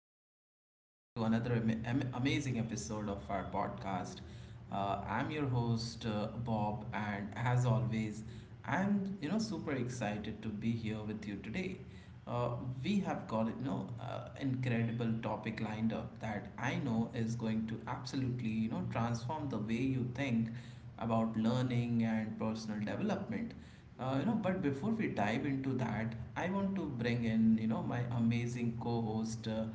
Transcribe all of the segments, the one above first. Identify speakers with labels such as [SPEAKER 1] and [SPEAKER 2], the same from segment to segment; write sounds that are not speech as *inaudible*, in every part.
[SPEAKER 1] welcome back to another amazing episode of our podcast. I'm your host Bob, and as always, I'm super excited to be here with you today. Uh, we have got incredible topic lined up that I know is going to absolutely transform the way you think about learning and personal development. But before we dive into that, I want to bring in, my amazing co-host, uh,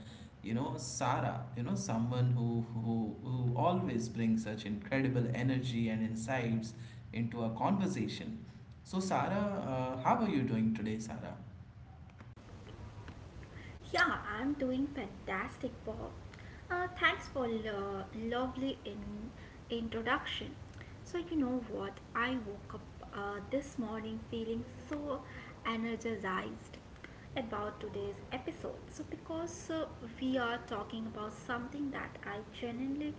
[SPEAKER 1] you know, Sara, someone who always brings such incredible energy and insights into a conversation. So, Sara, how are you doing today, Sara?
[SPEAKER 2] Yeah, I'm doing fantastic, Bob. Thanks for lovely introduction. So you know what? I woke up this morning feeling so energized about today's episode. Because we are talking about something that I genuinely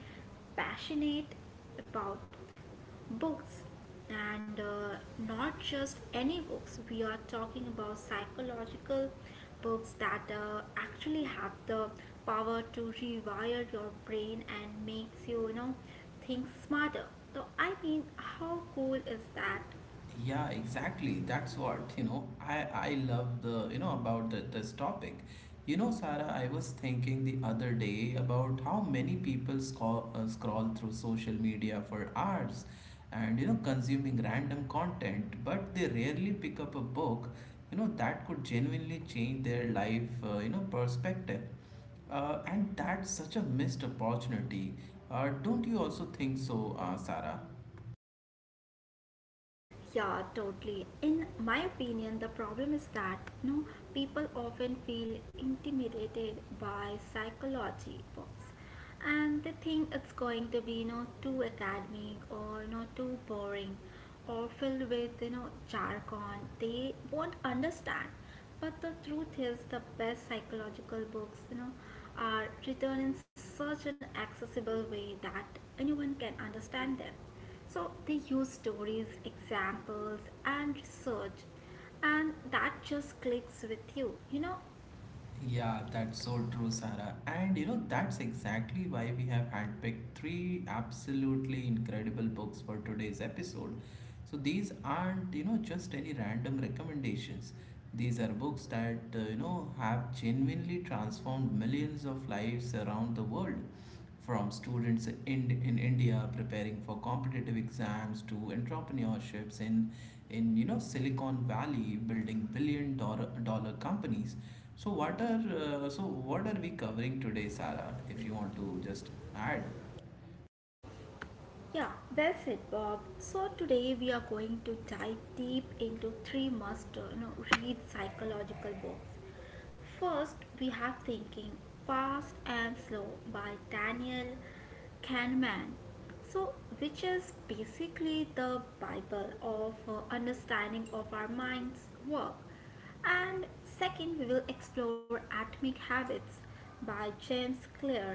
[SPEAKER 2] passionate about: books. And not just any books, we are talking about psychological books that actually have the power to rewire your brain and makes you, you know, think smarter. So I mean, how cool is that?
[SPEAKER 1] Yeah, exactly. That's what, I love the, this topic. You know, Sarah, I was thinking the other day about how many people scroll through social media for hours and, consuming random content, but they rarely pick up a book, that could genuinely change their life perspective. And that's such a missed opportunity. Don't you also think so, Sarah?
[SPEAKER 2] Yeah, totally. In my opinion, the problem is that, you know, people often feel intimidated by psychology books, and they think it's going to be, you know, too academic or, you know, too boring, or filled with, you know, jargon they won't understand. But the truth is, the best psychological books, you know, are written in such an accessible way that anyone can understand them. So they use stories, examples, and research, and that just clicks with you, you know?
[SPEAKER 1] Yeah, that's so true, Sarah. And you know, that's exactly why we have handpicked three absolutely incredible books for today's episode. So these aren't, just any random recommendations. These are books that, have genuinely transformed millions of lives around the world, from students in India preparing for competitive exams to entrepreneurships in Silicon Valley building billion dollar companies. So what are we covering today, Sarah? If you want to just add.
[SPEAKER 2] Yeah, well said, Bob. So today we are going to dive deep into three must you know, read psychological books. First, we have Thinking Fast and Slow by Daniel Kahneman, So, which is basically the Bible of understanding of our mind's work. And second, we will explore Atomic Habits by James Clear,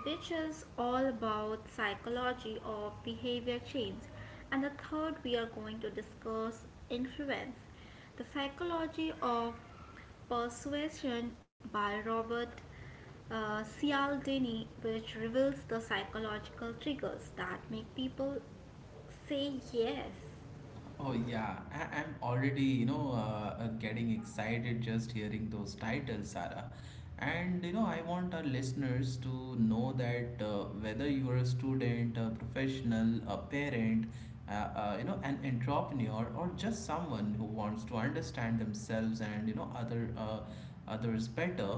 [SPEAKER 2] which is all about psychology of behavior change. And the third, we are going to discuss Influence, the Psychology of Persuasion by Robert Cialdini, which reveals the psychological triggers that make people say yes.
[SPEAKER 1] Oh yeah, I'm already getting excited just hearing those titles, Sarah. And you know I want our listeners to know that whether you are a student, a professional, a parent, an entrepreneur, or just someone who wants to understand themselves and others better,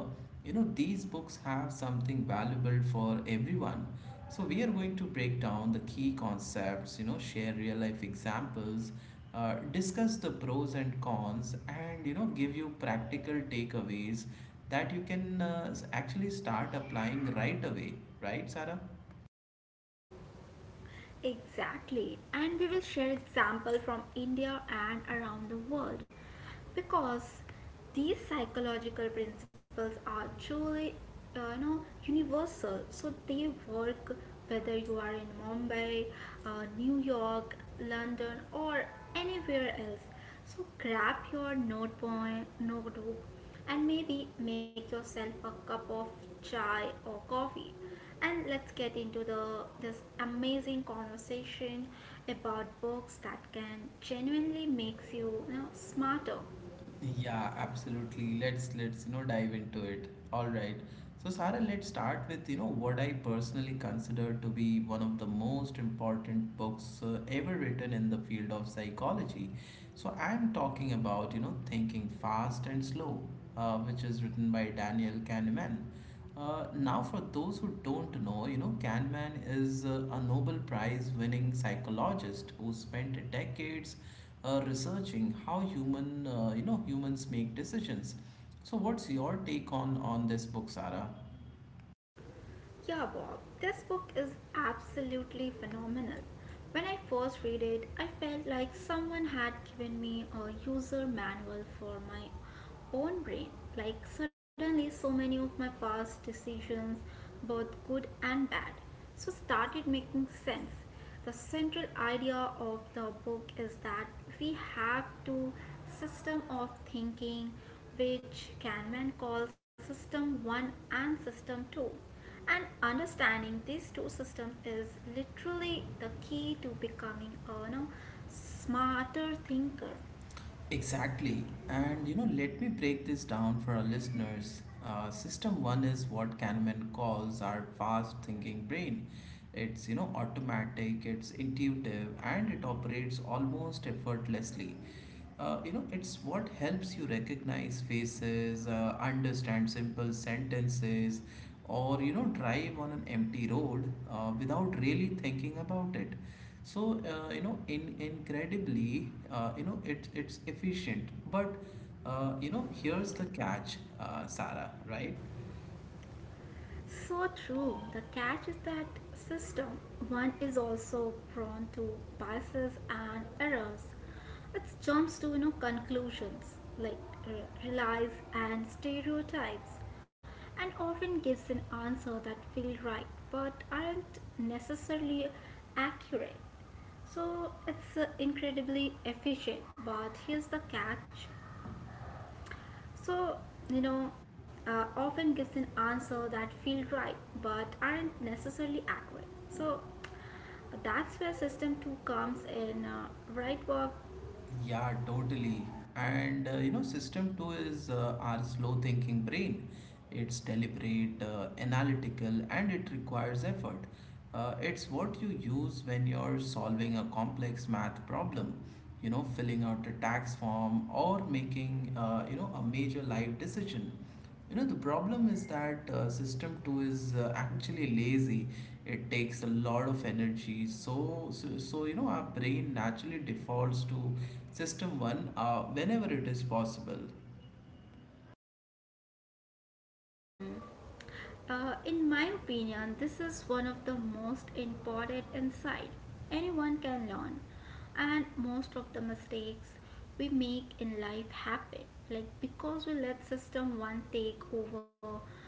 [SPEAKER 1] you know these books have something valuable for everyone. So we are going to break down the key concepts, share real life examples, discuss the pros and cons and give you practical takeaways that you can actually start applying right away, right Sarah?
[SPEAKER 2] Exactly, and we will share example from India and around the world because these psychological principles are truly you know, universal. So they work whether you are in Mumbai, New York, London or anywhere else. So grab your notebook, and maybe make yourself a cup of chai or coffee, and let's get into the this amazing conversation about books that can genuinely makes you, you know, smarter.
[SPEAKER 1] Yeah, absolutely. Let's dive into it. All right, so Sarah, let's start with what I personally consider to be one of the most important books ever written in the field of psychology. So I'm talking about Thinking Fast and Slow, which is written by Daniel Kahneman. Now, for those who don't know, Kahneman is a Nobel Prize winning psychologist who spent decades researching how humans make decisions. So, what's your take on this book, Sarah?
[SPEAKER 2] Yeah, Bob, this book is absolutely phenomenal. When I first read it, I felt like someone had given me a user manual for my own brain. Like, suddenly, so many of my past decisions, both good and bad, so started making sense. The central idea of the book is that we have two system of thinking, which Kahneman calls system 1 and system 2, and understanding these two systems is literally the key to becoming a, you know, smarter thinker.
[SPEAKER 1] Exactly. And you know, let me break this down for our listeners. System one is what Kahneman calls our fast thinking brain. It's automatic, it's intuitive, and it operates almost effortlessly. It's what helps you recognize faces, understand simple sentences, or drive on an empty road without really thinking about it. So you know, in Incredibly, it's efficient. But here's the catch, Sarah. Right?
[SPEAKER 2] So true. The catch is that system one is also prone to biases and errors. It jumps to, you know, conclusions like relies and stereotypes, and often gives an answer that feel right but aren't necessarily accurate. So it's incredibly efficient. But here's the catch: so, you know, often gives an answer that feel right but aren't necessarily accurate. So that's where system 2 comes in, right? Work.
[SPEAKER 1] Yeah, totally. And system two is our slow thinking brain. It's deliberate, analytical, and it requires effort. It's what you use when you're solving a complex math problem, filling out a tax form or making a major life decision. You know, the problem is that system 2 is actually lazy. It takes a lot of energy. So our brain naturally defaults to system 1 whenever it is possible.
[SPEAKER 2] Hmm. In my opinion, this is one of the most important insight anyone can learn, and most of the mistakes we make in life happen like because we let system one take over,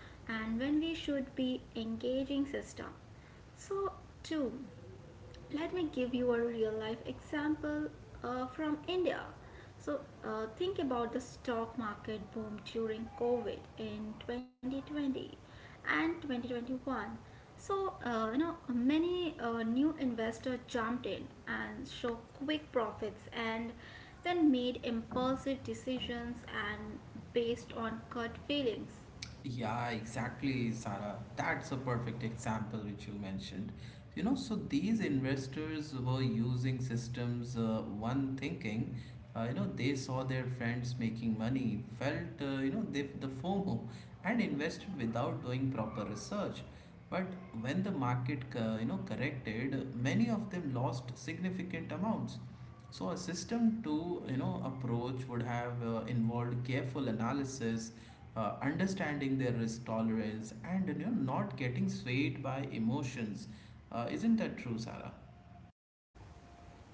[SPEAKER 2] and when we should be engaging system. So, two, let me give you a real life example from India. So, think about the stock market boom during COVID in 2020 and 2021. So, you know, many new investors jumped in and showed quick profits and then made impulsive decisions and based on gut feelings.
[SPEAKER 1] Yeah, exactly, Sarah. That's a perfect example which you mentioned. You know, so these investors were using systems, one thinking, you know, they saw their friends making money, felt, the FOMO, and invested without doing proper research. But when the market, corrected, many of them lost significant amounts. So a system two approach would have involved careful analysis, understanding their risk tolerance and not getting swayed by emotions, isn't that true Sarah?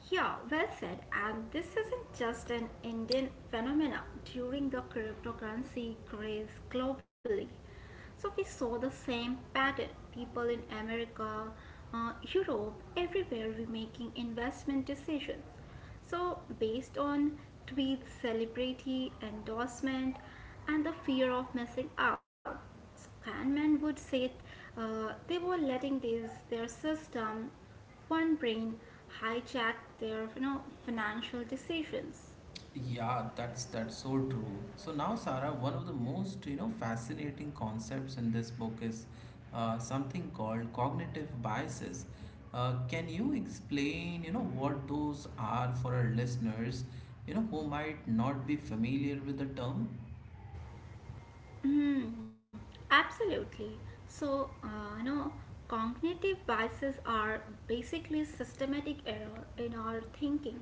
[SPEAKER 2] Yeah, well said. And this isn't just an Indian phenomenon. During the cryptocurrency craze globally, so we saw the same pattern. People in America, Europe, everywhere were making investment decisions. So based on tweets, celebrity endorsement, and the fear of missing out. So Kahneman would say they were letting this their system one brain hijacked their, you know, financial decisions.
[SPEAKER 1] Yeah, that's so true. So now Sarah, one of the most fascinating concepts in this book is something called cognitive biases. Can you explain what those are for our listeners who might not be familiar with the term?
[SPEAKER 2] Mm, absolutely. So, you know, cognitive biases are basically systematic error in our thinking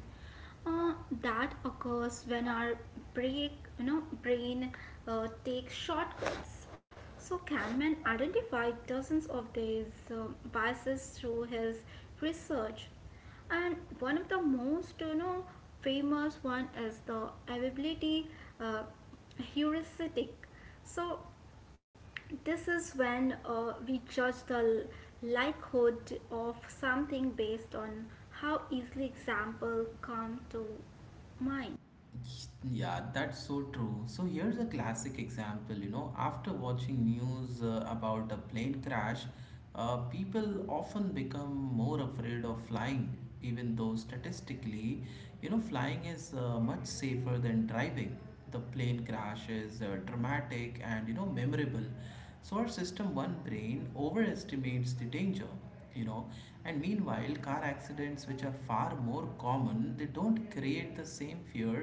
[SPEAKER 2] uh, that occurs when our break, brain takes shortcuts. So Kahneman identified dozens of these biases through his research. And one of the most, you know, famous one is the availability uh, heuristic. So this is when, we judge the likelihood of something based on how easily example come to mind.
[SPEAKER 1] Yeah, that's so true. So here's a classic example. You know, after watching news about a plane crash, people often become more afraid of flying, even though statistically, flying is much safer than driving. The plane crash is dramatic and memorable, so our system one brain overestimates the danger, you know. And meanwhile car accidents, which are far more common, they don't create the same fear,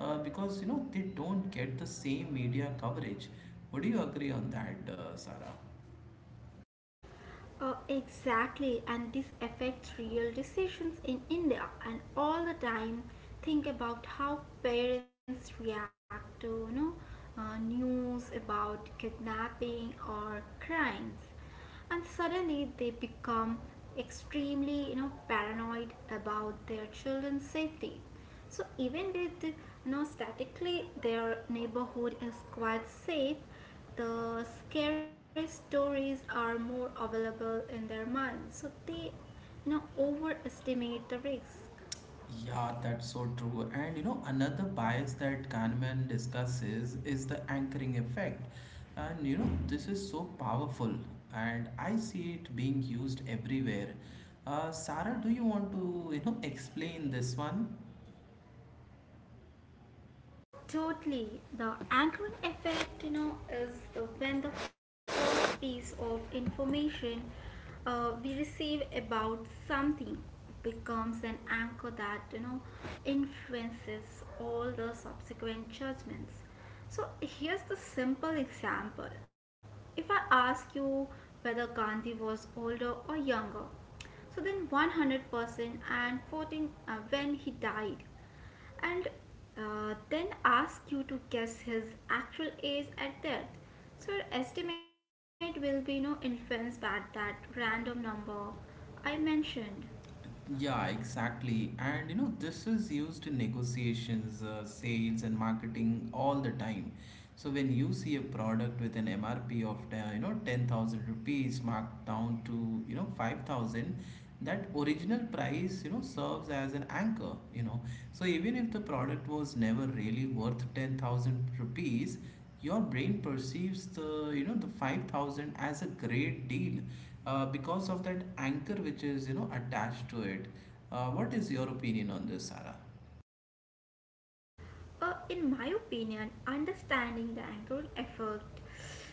[SPEAKER 1] because they don't get the same media coverage. Would you agree on that, Sarah?
[SPEAKER 2] Exactly, and this affects real decisions in India. And all the time, think about how parents react to, you know, news about kidnapping or crimes, and suddenly they become extremely, you know, paranoid about their children's safety. So even with you know statically their neighborhood is quite safe, the scary stories are more available in their minds, so they, you know, overestimate the risks.
[SPEAKER 1] Yeah, that's so true. And you know, another bias that Kahneman discusses is the anchoring effect. And you know, this is so powerful, and I see it being used everywhere. Sarah, do you want to, explain this one?
[SPEAKER 2] Totally. The anchoring effect, you know, is when the first piece of information we receive about something becomes an anchor that, you know, influences all the subsequent judgments. So here's the simple example. If I ask you whether Gandhi was older or younger, so then 100% and 14 when he died, and then ask you to guess his actual age at death. So your estimate will be no influenced by that random number I mentioned.
[SPEAKER 1] Yeah, exactly. And you know, this is used in negotiations, sales, and marketing all the time. So when you see a product with an MRP of 10,000 rupees marked down to 5,000, that original price serves as an anchor, you know. So even if the product was never really worth 10,000 rupees, your brain perceives the you know the 5,000 as a great deal, because of that anchor which is attached to it. What is your opinion on this, Sarah?
[SPEAKER 2] In my opinion, understanding the anchoring effect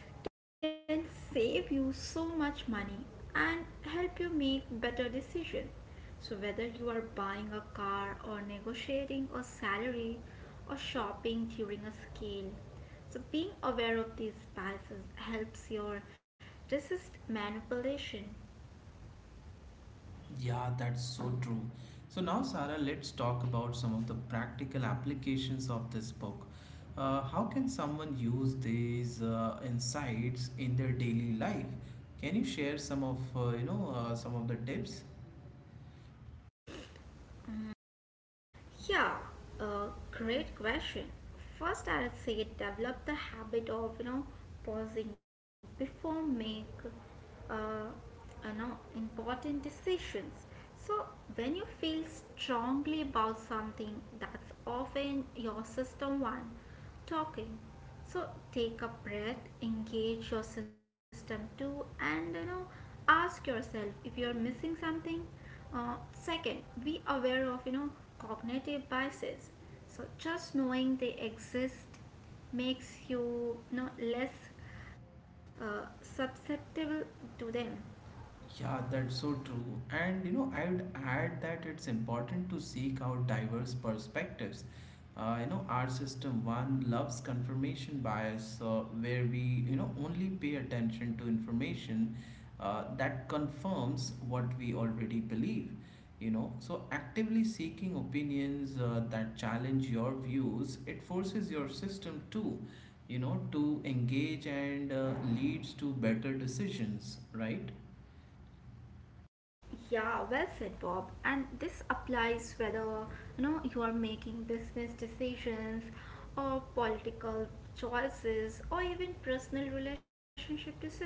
[SPEAKER 2] can save you so much money and help you make better decisions. So, whether you are buying a car or negotiating a salary or shopping during a sale, so being aware of these biases helps your resist manipulation.
[SPEAKER 1] Yeah, that's so true. So now Sarah, let's talk about some of the practical applications of this book. How can someone use these insights in their daily life? Can you share some of some of the tips?
[SPEAKER 2] Yeah, a great question. First, I'll say develop the habit of, you know, pausing before make uh, important decisions. So when you feel strongly about something, that's often your system one talking. So take a breath, engage your system too, and, you know, ask yourself if you're missing something. Second, be aware of, you know, cognitive biases. So just knowing they exist makes you, you know, less susceptible to them.
[SPEAKER 1] Yeah, that's so true. And you know, I would add that it's important to seek out diverse perspectives. Our system one loves confirmation bias, where we only pay attention to information that confirms what we already believe. You know, so actively seeking opinions that challenge your views, it forces your system to, to engage and leads to better decisions, right?
[SPEAKER 2] Yeah, well said, Bob. And this applies whether you know you are making business decisions or political choices or even personal relationship decisions.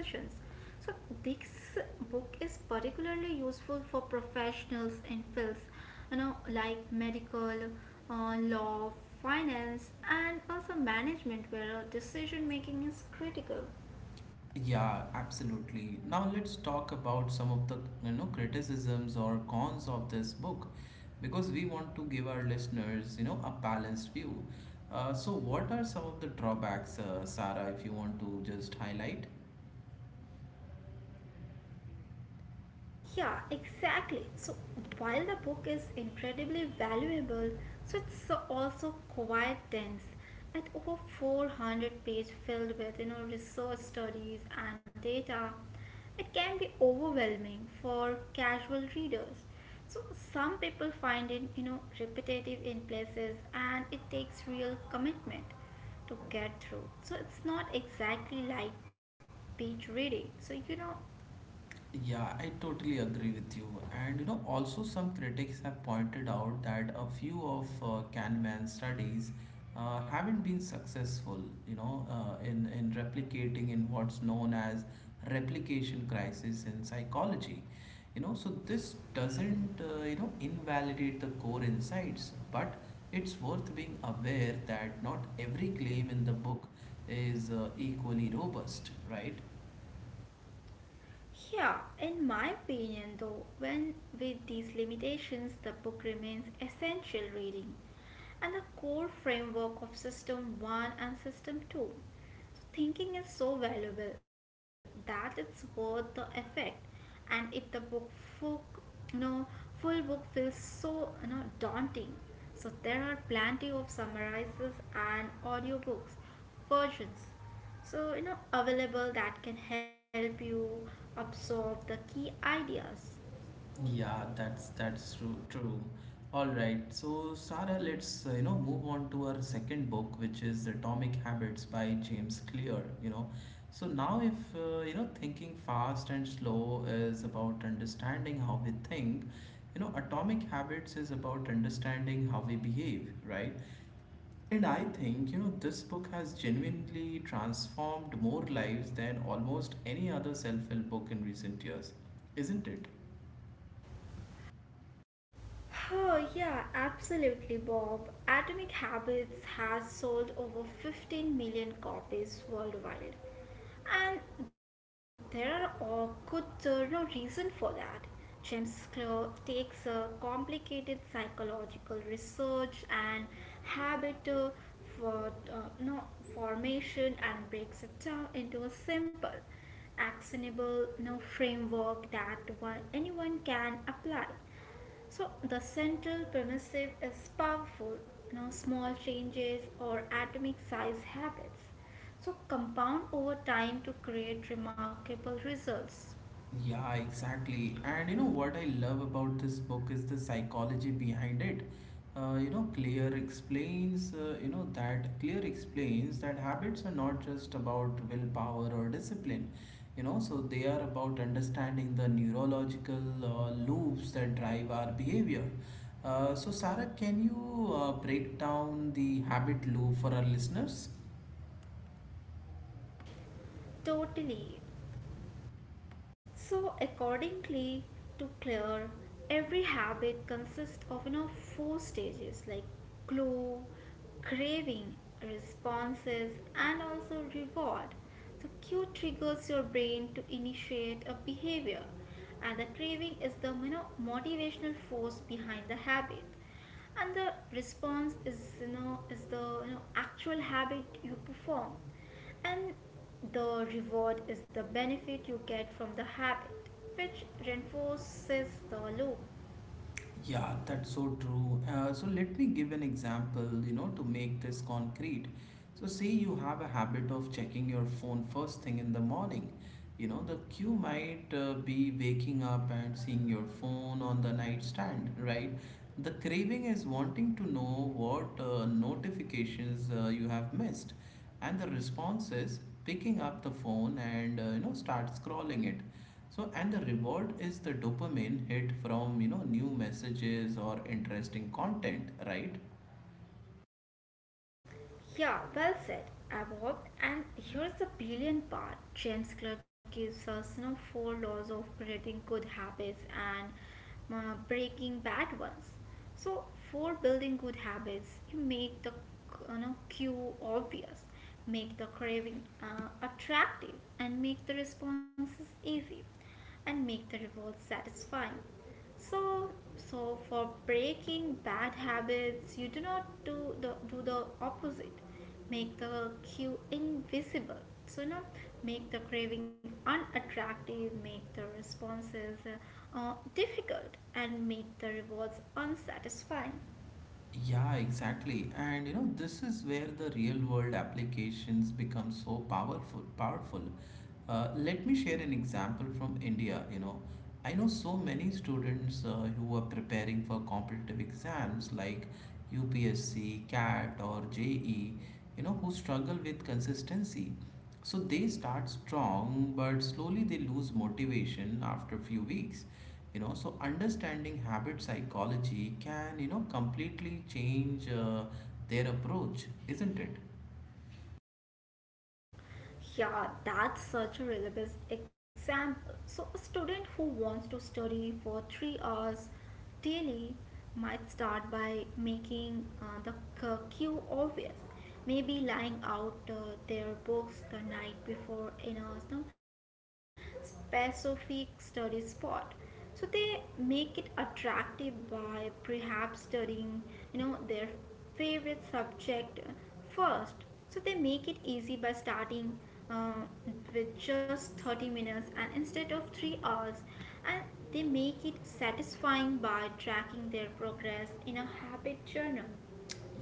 [SPEAKER 2] So this book is particularly useful for professionals in fields, you know, like medical, law, finance, and also management, where decision making is critical.
[SPEAKER 1] Yeah, absolutely. Now let's talk about some of the criticisms or cons of this book, because we want to give our listeners a balanced view. So, what are some of the drawbacks, Sarah, if you want to just highlight?
[SPEAKER 2] Yeah, exactly. So while the book is incredibly valuable, so also quite dense at over 400 pages filled with, you know, research studies and data. It can be overwhelming for casual readers. So some people find it, you know, repetitive in places, and it takes real commitment to get through. So it's not exactly like beach reading. So you know.
[SPEAKER 1] Yeah, I totally agree with you. And you know, also some critics have pointed out that a few of Kahneman's studies haven't been successful, in replicating in what's known as replication crisis in psychology. You know, so this doesn't, invalidate the core insights, but it's worth being aware that not every claim in the book is equally robust, right?
[SPEAKER 2] Yeah, in my opinion, though, when with these limitations, the book remains essential reading, and the core framework of System 1 and System 2. So thinking is so valuable that it's worth the effect, and if the book full, you know, full book feels so, you know, daunting, so there are plenty of summarizes and audiobooks versions so, you know, available that can help you absorb the key ideas.
[SPEAKER 1] Yeah, true. All right, so Sarah, let's move on to our second book, which is Atomic Habits by James Clear. You know, so now if Thinking Fast and Slow is about understanding how we think, Atomic Habits is about understanding how we behave, right? And I think this book has genuinely transformed more lives than almost any other self-help book in recent years, isn't it?
[SPEAKER 2] Oh, yeah, absolutely, Bob. Atomic Habits has sold over 15 million copies worldwide. And there are a good no reason for that. James Clear takes a complicated psychological research and habit for no formation and breaks it down into a simple, actionable no framework that one, anyone can apply. So the central permissive is powerful. Now small changes or atomic size habits. So compound over time to create remarkable results.
[SPEAKER 1] Yeah, exactly. And you know what I love about this book is the psychology behind it. You know, Clear explains, you know, that Clear explains that habits are not just about willpower or discipline. You know, so they are about understanding the neurological loops that drive our behavior. So, Sarah, can you break down the habit loop for our listeners?
[SPEAKER 2] Totally. So, accordingly to Claire, every habit consists of, you know, four stages like clue, craving, responses, and also reward. So, cue triggers your brain to initiate a behavior, and the craving is the, you know, motivational force behind the habit. And the response is, you know, is the, you know, actual habit you perform, and the reward is the benefit you get from the habit, which reinforces the loop.
[SPEAKER 1] Yeah, that's so true. So let me give an example, to make this concrete. So say you have a habit of checking your phone first thing in the morning. You know, the cue might be waking up and seeing your phone on the nightstand, right? The craving is wanting to know what notifications you have missed, and the response is picking up the phone and start scrolling it. So, and the reward is the dopamine hit from, new messages or interesting content, right?
[SPEAKER 2] Yeah, well said, Abbott. And here's the brilliant part: James Clerk gives us, you know, four laws of creating good habits and breaking bad ones. So, for building good habits, you make the, you know, cue obvious, make the craving attractive, and make the responses easy, and make the reward satisfying. So, for breaking bad habits, you do not do the opposite. Make the cue invisible. So, you know, make the craving unattractive, make the responses difficult, and make the rewards unsatisfying.
[SPEAKER 1] Yeah, exactly. And you know, this is where the real world applications become so powerful. Let me share an example from India, you know. I know so many students who are preparing for competitive exams like UPSC, CAT or JE, who struggle with consistency. So they start strong, but slowly they lose motivation after few weeks. So understanding habit psychology can, you know, completely change their approach, isn't it?
[SPEAKER 2] Yeah, that's such a reliable example. So, a student who wants to study for 3 hours daily might start by making the cue obvious. Maybe lying out their books the night before in a you specific study spot. So they make it attractive by perhaps studying, you know, their favorite subject first. So they make it easy by starting, uh, with just 30 minutes and instead of 3 hours, and they make it satisfying by tracking their progress in a habit journal.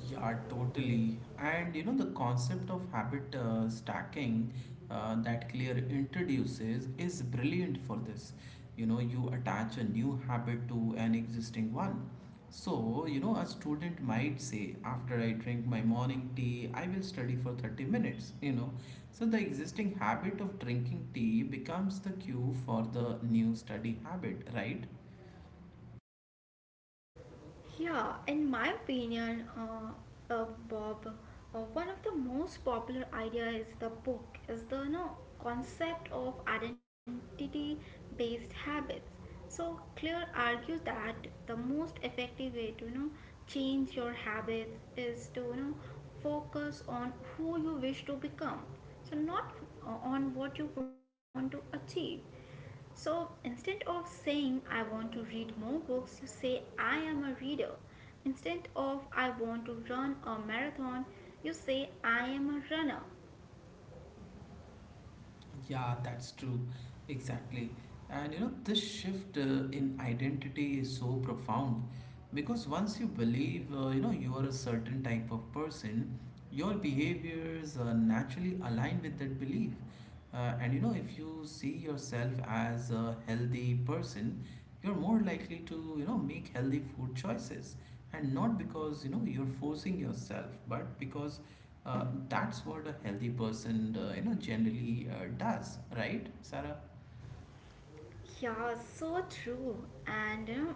[SPEAKER 1] Yeah, totally. And you know, the concept of habit stacking that Clear introduces is brilliant for this. You know, you attach a new habit to an existing one. So, you know, a student might say, after I drink my morning tea, I will study for 30 minutes, you know. So, the existing habit of drinking tea becomes the cue for the new study habit, right?
[SPEAKER 2] Yeah, in my opinion, Bob, one of the most popular idea is the book is the, you know, concept of identity-based habits. So Clear argues that the most effective way to change your habits is to focus on who you wish to become. So not on what you want to achieve. So instead of saying I want to read more books, you say I am a reader. Instead of I want to run a marathon, you say I am a runner.
[SPEAKER 1] Yeah, that's true. Exactly. And you know, this shift in identity is so profound because once you believe, you know, you are a certain type of person, your behaviors naturally align with that belief. And you know, if you see yourself as a healthy person, you're more likely to, you know, make healthy food choices. And not because, you know, you're forcing yourself, but because that's what a healthy person, you know, generally does, right, Sarah?
[SPEAKER 2] Yeah, so true. And you know,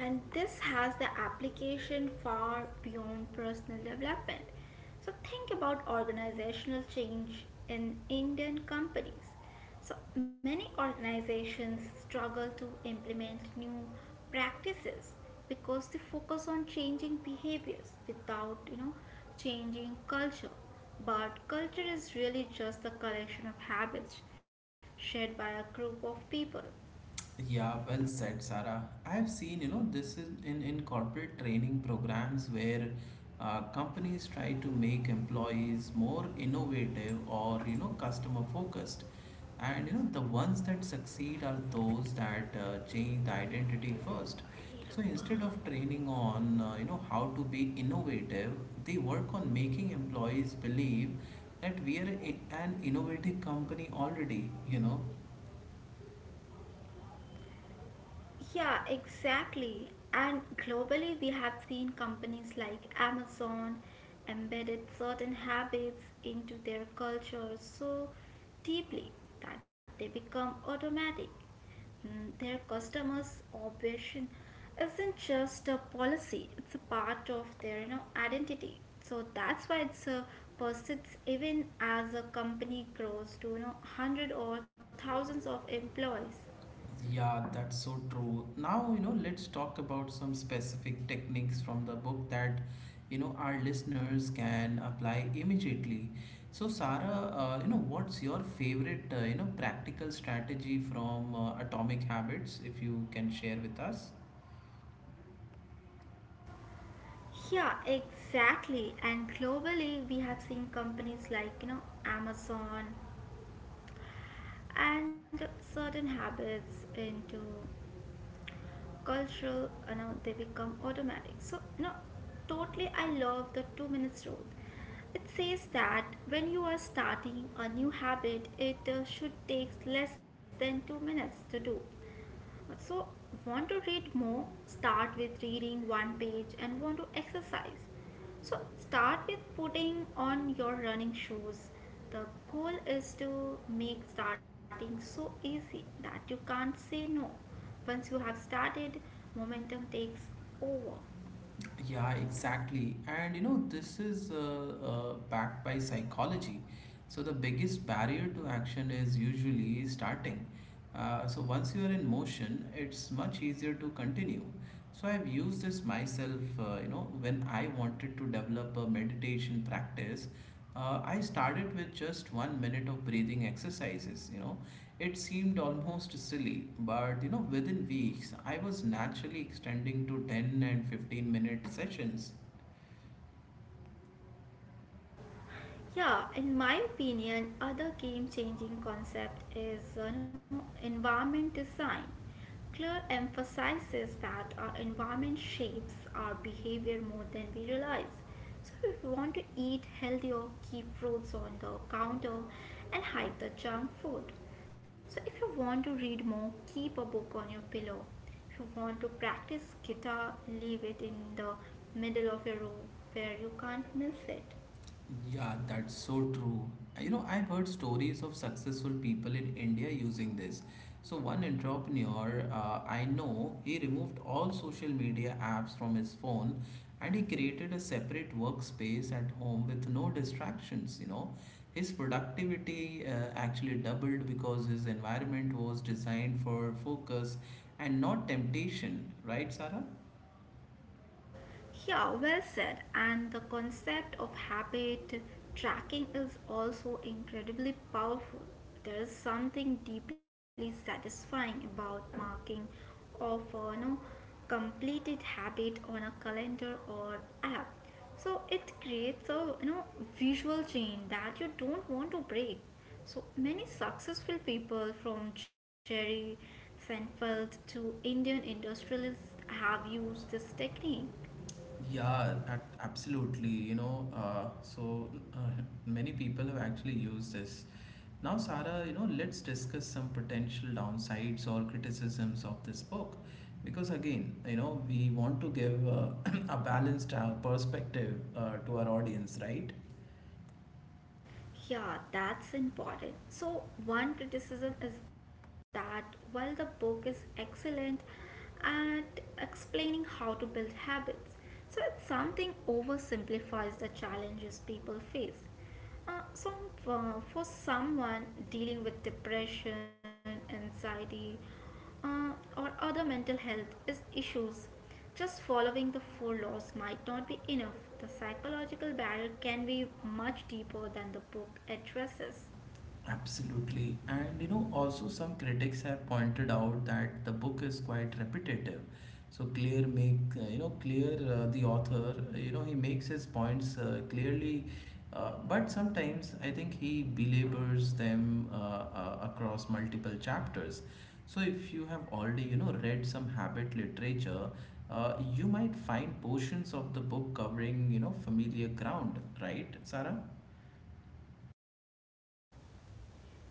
[SPEAKER 2] and this has the application far beyond personal development. So think about organizational change in Indian companies. So many organizations struggle to implement new practices because they focus on changing behaviors without, changing culture. But culture is really just the collection of habits shared by a group of people.
[SPEAKER 1] Yeah, well said, Sarah. I have seen, you know, this is in corporate training programs where companies try to make employees more innovative or, you know, customer focused. And, you know, the ones that succeed are those that change the identity first. So instead of training on, you know, how to be innovative, they work on making employees believe that we are an innovative company already, you know.
[SPEAKER 2] Yeah, exactly. And globally, we have seen companies like Amazon embedded certain habits into their culture so deeply that they become automatic. Mm, Their customers' obsession isn't just a policy, it's a part of their identity. So that's why it's persists even as a company grows to hundred or thousands of employees.
[SPEAKER 1] Yeah, that's so true. Now, you know, let's talk about some specific techniques from the book that, you know, our listeners can apply immediately. So, Sarah, you know, what's your favorite, you know, practical strategy from Atomic Habits, if you can share with us?
[SPEAKER 2] Yeah, exactly. And globally, we have seen companies like, Amazon and certain habits into cultural, they become automatic. So, totally I love the 2 minutes rule. It says that when you are starting a new habit, it should take less than 2 minutes to do. So, want to read more? Start with reading one page and want to exercise. So, start with putting on your running shoes. The goal is to make starting so easy that you can't say no. Once you have started, momentum takes over.
[SPEAKER 1] Yeah, exactly. And you know, this is backed by psychology. So, the biggest barrier to action is usually starting. So, once you are in motion, it's much easier to continue. So, I've used this myself, you know, when I wanted to develop a meditation practice. I started with just 1 minute of breathing exercises, you know, it seemed almost silly, but you know, within weeks, I was naturally extending to 10 and 15 minute sessions.
[SPEAKER 2] Yeah, in my opinion, other game-changing concept is environment design. Clear emphasizes that our environment shapes our behavior more than we realize. So if we want to eat healthier, keep fruits on the counter and hide the junk food. So if you want to read more, keep a book on your pillow. If you want to practice guitar, leave it in the middle of your room where you can't miss it.
[SPEAKER 1] Yeah, that's so true. You know, I've heard stories of successful people in India using this. So, one entrepreneur I know, he removed all social media apps from his phone and he created a separate workspace at home with no distractions. You know, his productivity actually doubled because his environment was designed for focus and not temptation, right, Sarah?
[SPEAKER 2] Yeah, well said. And the concept of habit tracking is also incredibly powerful. There is something deeply satisfying about marking of completed habit on a calendar or app. So it creates a visual chain that you don't want to break. So many successful people from Jerry Seinfeld to Indian industrialists have used this technique.
[SPEAKER 1] Yeah, at absolutely. You know, many people have actually used this. Now, Sarah, you know, let's discuss some potential downsides or criticisms of this book. Because again, you know, we want to give *clears throat* a balanced perspective to our audience, right?
[SPEAKER 2] Yeah, that's important. So, one criticism is that while the book is excellent at explaining how to build habits, so it something oversimplifies the challenges people face. So, for someone dealing with depression, anxiety, uh, or other mental health is issues, just following the four laws might not be enough. The psychological barrier can be much deeper than the book addresses.
[SPEAKER 1] Absolutely. And you know, also some critics have pointed out that the book is quite repetitive. So clear make you know clear the author, he makes his points clearly, but sometimes I think he belabors them across multiple chapters. So if you have already, you know, read some habit literature, you might find portions of the book covering, you know, familiar ground, right, Sarah?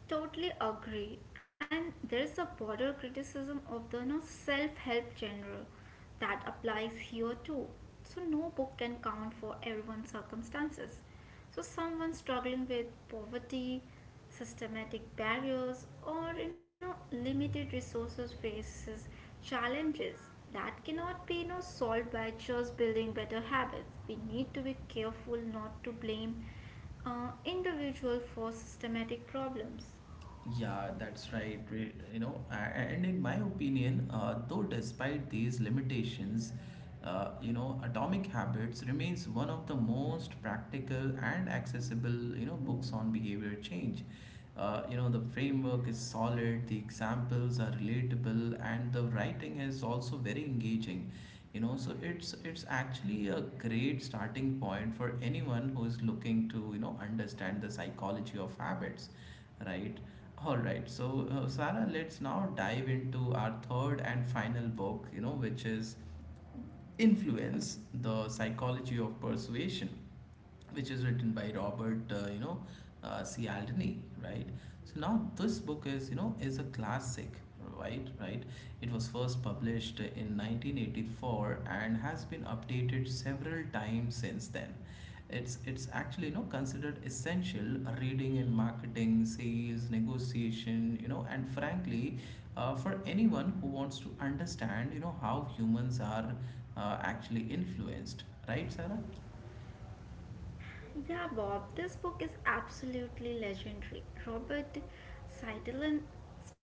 [SPEAKER 2] Totally agree. And there's a broader criticism of the no self help genre that applies here too. So no book can count for everyone's circumstances. So someone struggling with poverty, systematic barriers, or limited resources faces challenges that cannot be solved by just building better habits. We need to be careful not to blame individual for systematic problems.
[SPEAKER 1] Yeah, that's right. You know, and in my opinion, though despite these limitations, you know, Atomic Habits remains one of the most practical and accessible, you know, books on behavior change. You know, the framework is solid, the examples are relatable, and the writing is also very engaging. You know, so it's actually a great starting point for anyone who is looking to, you know, understand the psychology of habits, right? All right, so Sarah, let's now dive into our third and final book, you know, which is Influence: The Psychology of Persuasion, which is written by Robert, C. Aldini, right? So now this book is, you know, is a classic, right? Right. It was first published in 1984 and has been updated several times since then. It's actually, you know, considered essential reading in marketing, sales, negotiation, you know, and frankly, for anyone who wants to understand, you know, how humans are actually influenced, right, Sarah?
[SPEAKER 2] Yeah, Bob, this book is absolutely legendary. Robert Seidelin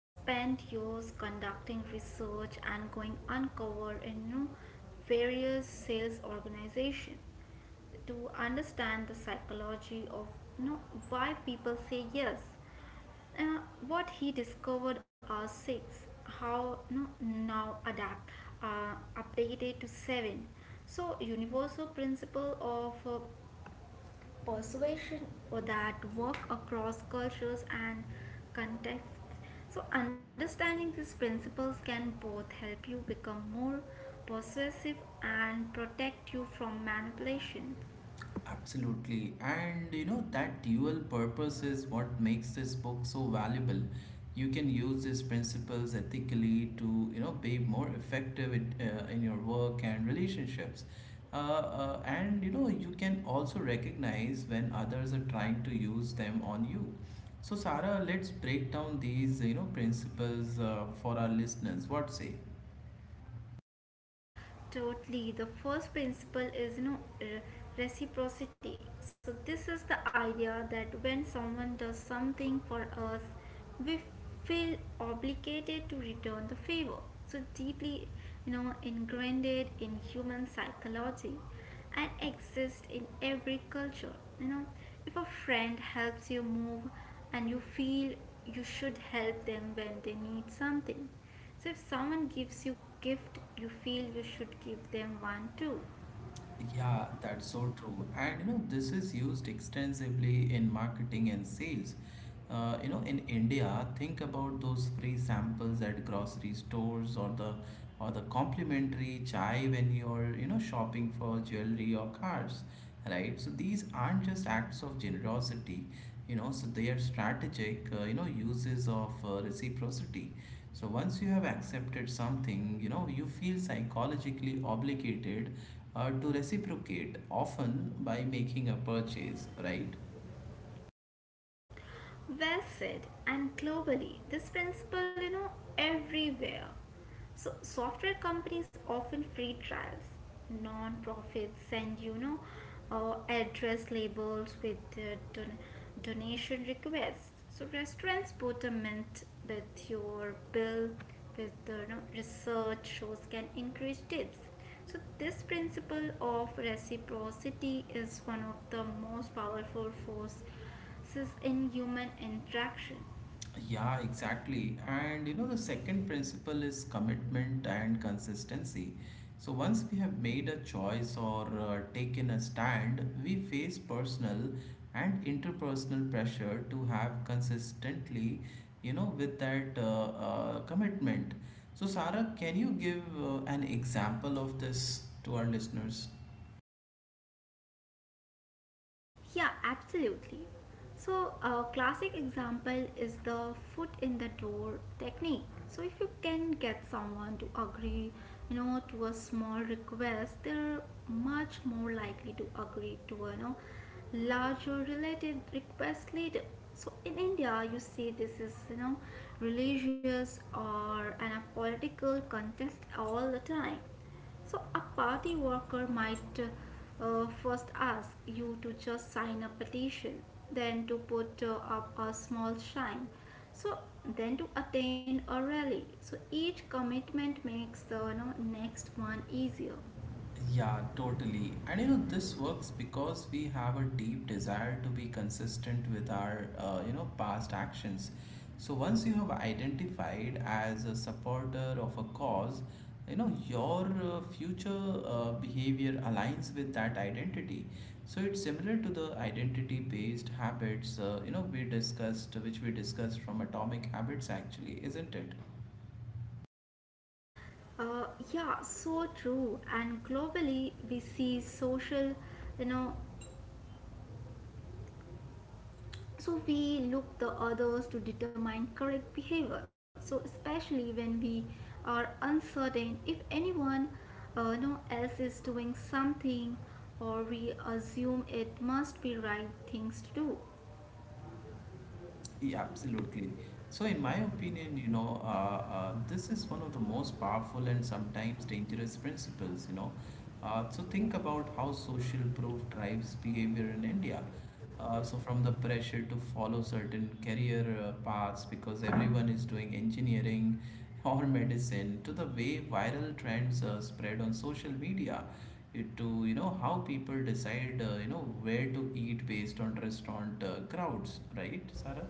[SPEAKER 2] spent years conducting research and going uncover in various sales organizations to understand the psychology of you know why people say yes. Uh, what he discovered are six. How no, now adapt uh, updated to seven. So universal principle of persuasion or that work across cultures and contexts. So understanding these principles can both help you become more persuasive and protect you from manipulation.
[SPEAKER 1] Absolutely. And you know, that dual purpose is what makes this book so valuable. You can use these principles ethically to, you know, be more effective in your work and relationships. And you know, you can also recognize when others are trying to use them on you. So, Sarah, let's break down these, you know, principles for our listeners. What say?
[SPEAKER 2] Totally. The first principle is reciprocity. So this is the idea that when someone does something for us, we feel obligated to return the favor. So deeply, ingrained in human psychology and exists in every culture. You know, if a friend helps you move and you feel you should help them when they need something, so if someone gives you gift, you feel you should give them one too.
[SPEAKER 1] Yeah, that's so true. And you know, this is used extensively in marketing and sales. You know, in India, think about those free samples at grocery stores or the complimentary chai when you're, you know, shopping for jewelry or cars, right? So these aren't just acts of generosity, you know, so they are strategic, you know, uses of reciprocity. So once you have accepted something, you know, you feel psychologically obligated to reciprocate, often by making a purchase, right?
[SPEAKER 2] Well said. And globally, this principle, everywhere. So software companies often free trials. Non-profits send address labels with donation requests. So restaurants put a mint with your bill with the research shows can increase tips. So this principle of reciprocity is one of the most powerful force is in human interaction.
[SPEAKER 1] Yeah, exactly. And you know, the second principle is commitment and consistency. So, once we have made a choice or taken a stand, we face personal and interpersonal pressure to have consistently, you know, with that commitment. So, Sarah, can you give an example of this to our listeners?
[SPEAKER 2] Yeah, absolutely. So, a classic example is the foot in the door technique. So, if you can get someone to agree, to a small request, they're much more likely to agree to a larger related request later. So, in India, you see this is religious or an a political contest all the time. So, a party worker might first ask you to just sign a petition, then to put up a small sign, so then to attend a rally. So, each commitment makes the next one easier.
[SPEAKER 1] Yeah, totally. And you know, this works because we have a deep desire to be consistent with our, you know, past actions. So once you have identified as a supporter of a cause, you know, your future behavior aligns with that identity. So it's similar to the identity-based habits, you know, which we discussed from Atomic Habits actually, isn't it?
[SPEAKER 2] Uh, yeah, so true. And globally, we see social, you know, so we look the others to determine correct behavior so especially when we are uncertain if anyone no else is doing something or we assume it must be right things to do.
[SPEAKER 1] Yeah, absolutely. So, in my opinion, you know, this is one of the most powerful and sometimes dangerous principles, you know. So, think about how social proof drives behavior in India. So, from the pressure to follow certain career paths because everyone is doing engineering *laughs* or medicine, to the way viral trends spread on social media, it to, you know, how people decide, you know, where to eat based on restaurant crowds, right, Sarah?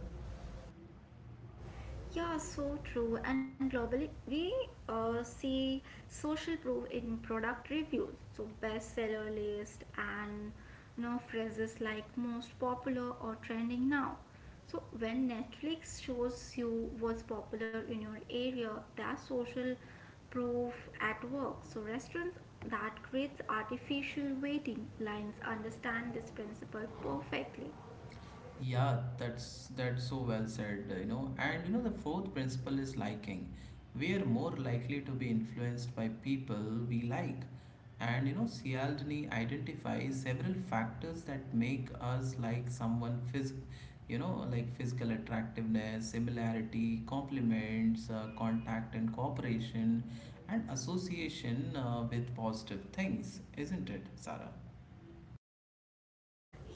[SPEAKER 2] Yeah, so true. And globally, we see social proof in product reviews, so bestseller list and phrases like most popular or trending now. So when Netflix shows you what's popular in your area, that's social proof at work. So restaurants that creates artificial waiting lines understand this principle perfectly.
[SPEAKER 1] Yeah, that's so well said, you know. And you know the fourth principle is liking. We are more likely to be influenced by people we like. And you know, Cialdini identifies several factors that make us like someone, like physical attractiveness, similarity, compliments, contact and cooperation, and association with positive things, isn't it, Sarah?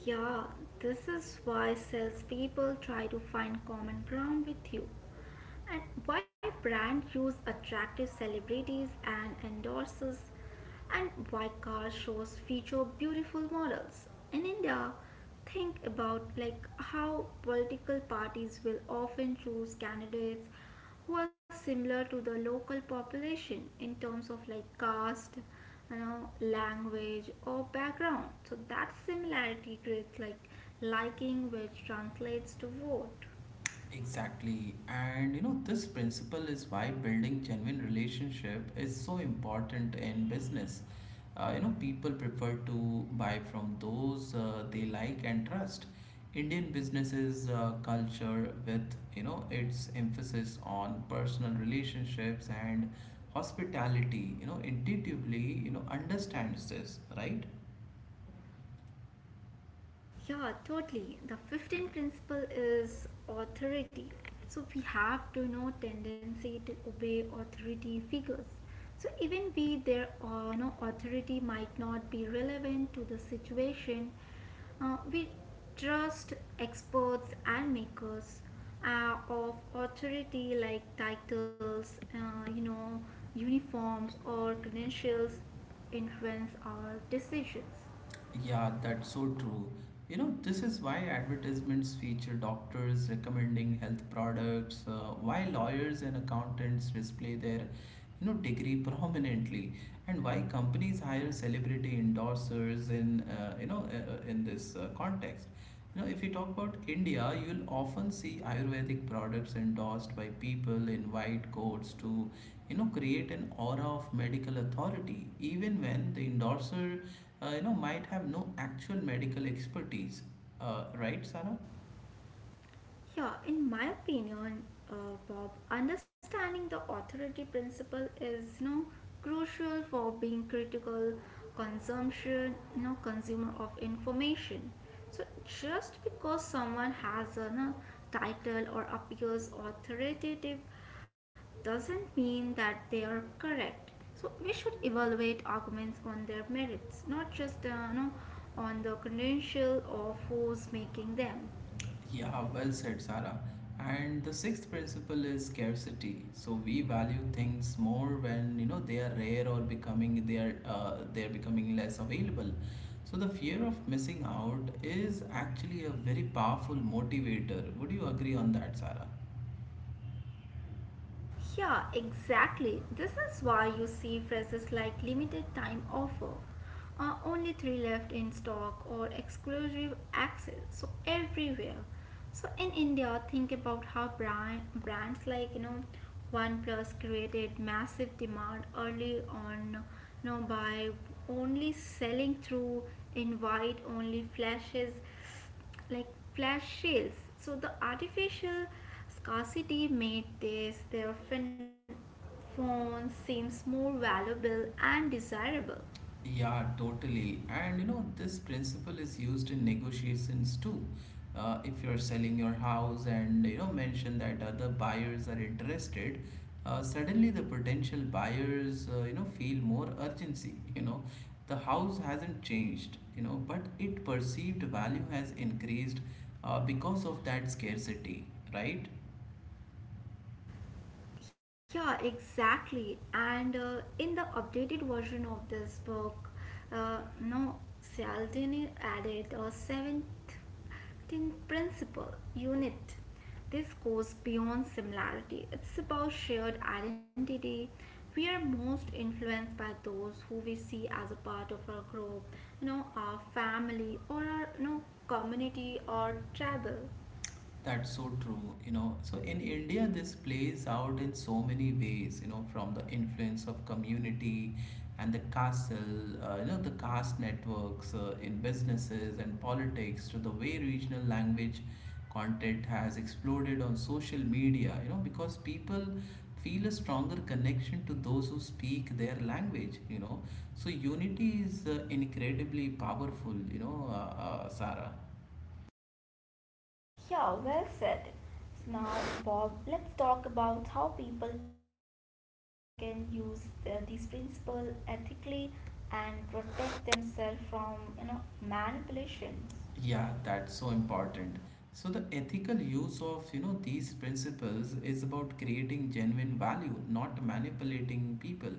[SPEAKER 2] Yeah, this is why salespeople try to find common ground with you and why brand use attractive celebrities and endorsers, and why car shows feature beautiful models in india. Think about like how political parties will often choose candidates who are similar to the local population in terms of like caste, you know language or background. So that similarity creates like liking which translates to vote.
[SPEAKER 1] Exactly. And you know, this principle is why building genuine relationship is so important in business. You know, people prefer to buy from those they like and trust. Indian businesses culture, with, you know, its emphasis on personal relationships and hospitality, you know, intuitively, you know, understands this, right?
[SPEAKER 2] Yeah, totally. The 15th principle is authority. So we have to know tendency to obey authority figures. So even we their authority might not be relevant to the situation. We trust experts and makers of authority like titles, uniforms or credentials influence our decisions.
[SPEAKER 1] Yeah, that's so true. You know, this is why advertisements feature doctors recommending health products, why lawyers and accountants display their, you know, degree prominently, and why companies hire celebrity endorsers in, in this context. You know, if you talk about India, you'll often see Ayurvedic products endorsed by people in white coats to, you know, create an aura of medical authority even when the endorser, you know, might have no actual medical expertise, right, Sarah?
[SPEAKER 2] Yeah, in my opinion, uh, Bob, understanding the authority principle is crucial for being critical consumption, consumer of information. So just because someone has a title or appears authoritative doesn't mean that they are correct. So we should evaluate arguments on their merits, not just on the credential or who's making them.
[SPEAKER 1] Yeah, well said, Sarah. And the sixth principle is scarcity. So we value things more when you know they are rare or becoming they are becoming less available. So the fear of missing out is actually a very powerful motivator. Would you agree on that, Sarah?
[SPEAKER 2] Yeah, exactly. This is why you see phrases like limited time offer, only three left in stock, or exclusive access. So, everywhere. So, in India, think about how brands like, OnePlus created massive demand early on, by only selling through invite only flashes like flash sales. So the artificial scarcity made this their fin- phone seems more valuable and desirable.
[SPEAKER 1] Yeah, totally. And you know, this principle is used in negotiations too. If you're selling your house and you know, mention that other buyers are interested, suddenly the potential buyers, you know, feel more urgency. *laughs* You know, the house hasn't changed, you know, but it perceived value has increased because of that scarcity, right?
[SPEAKER 2] Yeah, exactly. And in the updated version of this book, no, Cialdini added a seventh principle unit. This goes beyond similarity, it's about shared identity. We are most influenced by those who we see as a part of our group, our family or our community or tribal.
[SPEAKER 1] That's so true, you know. So in India, this plays out in so many ways, you know, from the influence of community and the castle, you know, the caste networks in businesses and politics to the way regional language content has exploded on social media, you know, because people feel a stronger connection to those who speak their language, you know. So unity is incredibly powerful, you know, Sarah.
[SPEAKER 2] Yeah, well said. Now, Bob, let's talk about how people can use these principles ethically and protect themselves from manipulations.
[SPEAKER 1] Yeah, that's so important. So the ethical use of, these principles is about creating genuine value, not manipulating people.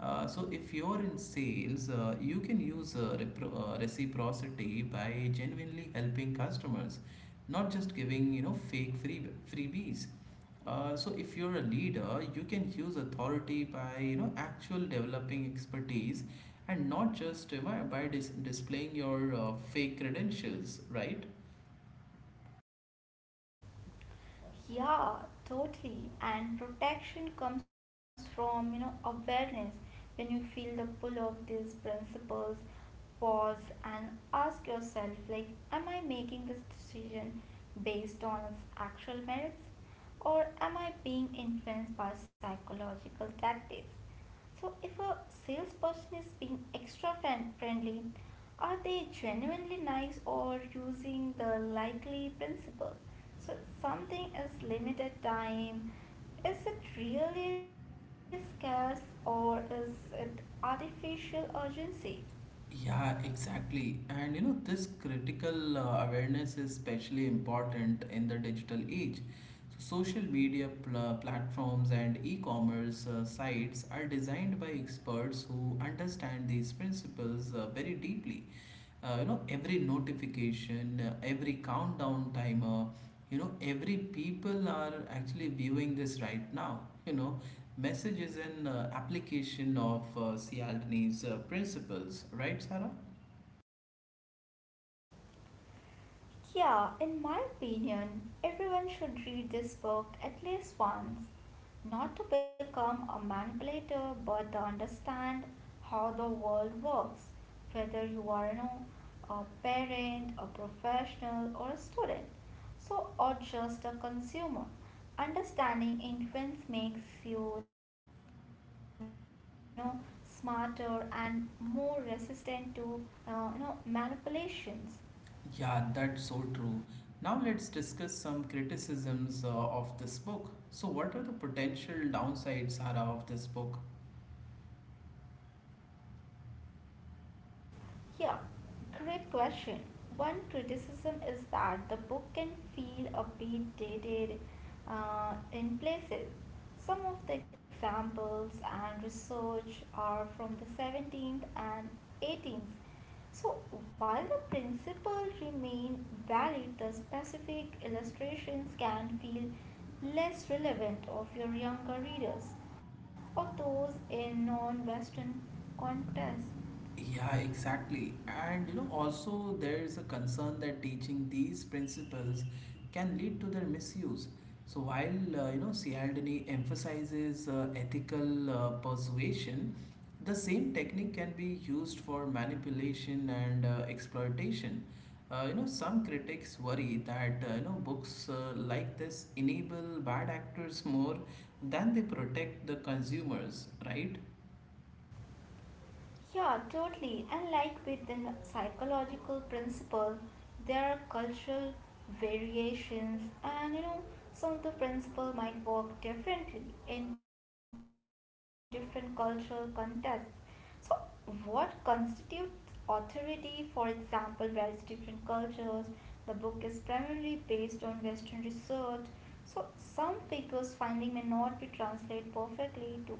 [SPEAKER 1] So if you're in sales, you can use reciprocity by genuinely helping customers, not just giving, fake freebies. So if you're a leader, you can use authority by, actual developing expertise and not just by displaying your fake credentials, right?
[SPEAKER 2] Yeah, totally. And protection comes from, awareness. When you feel the pull of these principles, pause and ask yourself, like, am I making this decision based on its actual merits? Or am I being influenced by psychological tactics? So, if a salesperson is being extra fan friendly, are they genuinely nice or using the likely principle? So, something is limited time. Is it really scarce or is it artificial urgency?
[SPEAKER 1] Yeah, exactly. And you know, this critical awareness is especially important in the digital age. So social media platforms and e commerce sites are designed by experts who understand these principles very deeply. You know, every notification, every countdown timer, you know, every "people are actually viewing this right now," you know, message is an application of Cialdini's principles, right, Sarah?
[SPEAKER 2] Yeah, in my opinion, everyone should read this book at least once, not to become a manipulator, but to understand how the world works, whether you are a parent, a professional, or a student, so or just a consumer. Understanding influence makes you, you know smarter and more resistant to manipulations.
[SPEAKER 1] Yeah, that's so true. Now let's discuss some criticisms of this book. So what are the potential downsides, Sarah, of this book?
[SPEAKER 2] Yeah, great question. One criticism is that the book can feel a bit dated in places. Some of the examples and research are from the 17th and 18th. So, while the principles remain valid, the specific illustrations can feel less relevant of your younger readers or those in non Western contexts.
[SPEAKER 1] Yeah, exactly. And you know, also there is a concern that teaching these principles can lead to their misuse. So while Cialdini emphasizes ethical persuasion, the same technique can be used for manipulation and exploitation. You know, some critics worry that books like this enable bad actors *laughs* more than they protect the consumers, right?
[SPEAKER 2] Yeah, totally. And like with the psychological principle, there are cultural variations, and some of the principle might work differently in different cultural contexts. So, what constitutes authority, for example, varies different cultures. The book is primarily based on Western research, so some figures' finding may not be translated perfectly to other contexts.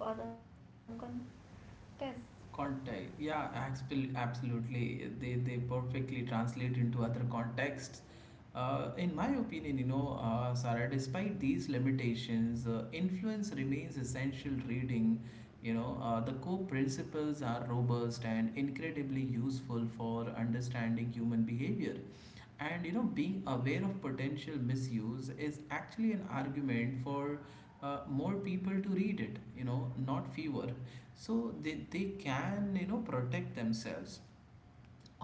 [SPEAKER 1] Context, yeah, absolutely. They perfectly translate into other contexts. In my opinion, Sarah, despite these limitations, influence remains essential reading. You know, the core principles are robust and incredibly useful for understanding human behavior. And you know, being aware of potential misuse is actually an argument for more people to read it. You know, not fewer, so they can, you know, protect themselves.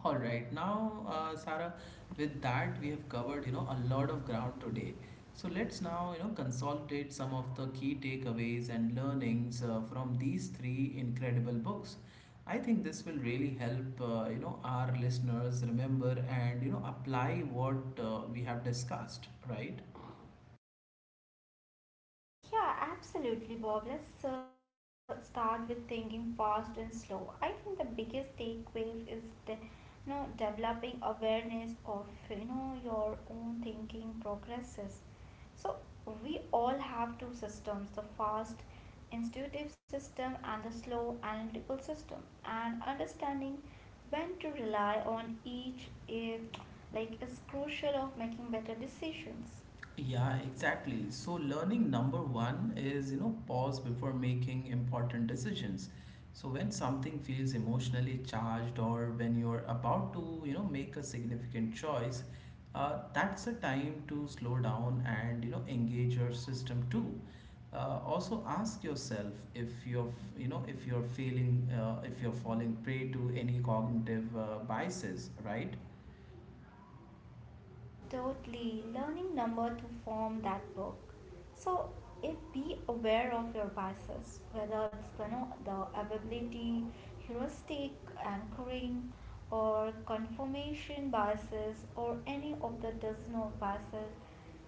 [SPEAKER 1] All right, now, Sarah, with that we have covered, you know, a lot of ground today, so let's now, you know, consolidate some of the key takeaways and learnings from these three incredible books. I think this will really help, you know, our listeners remember and, you know, apply what we have discussed, right?
[SPEAKER 2] Yeah, absolutely, Bob. Let's start with thinking fast and slow. I think the biggest takeaway is developing awareness of your own thinking progresses. So we all have two systems: the fast, intuitive system and the slow, analytical system. And understanding when to rely on each is crucial of making better decisions.
[SPEAKER 1] Yeah, exactly. So learning number one is, you know, pause before making important decisions. So when something feels emotionally charged or when you're about to, you know, make a significant choice, that's a time to slow down and, you know, engage your system too. Also ask yourself if you're, if you're feeling, if you're falling prey to any cognitive biases, right?
[SPEAKER 2] Totally, learning number to form that book. So, if be aware of your biases, whether it's the, no, the availability, heuristic, anchoring, or confirmation biases, or any of the dozen of biases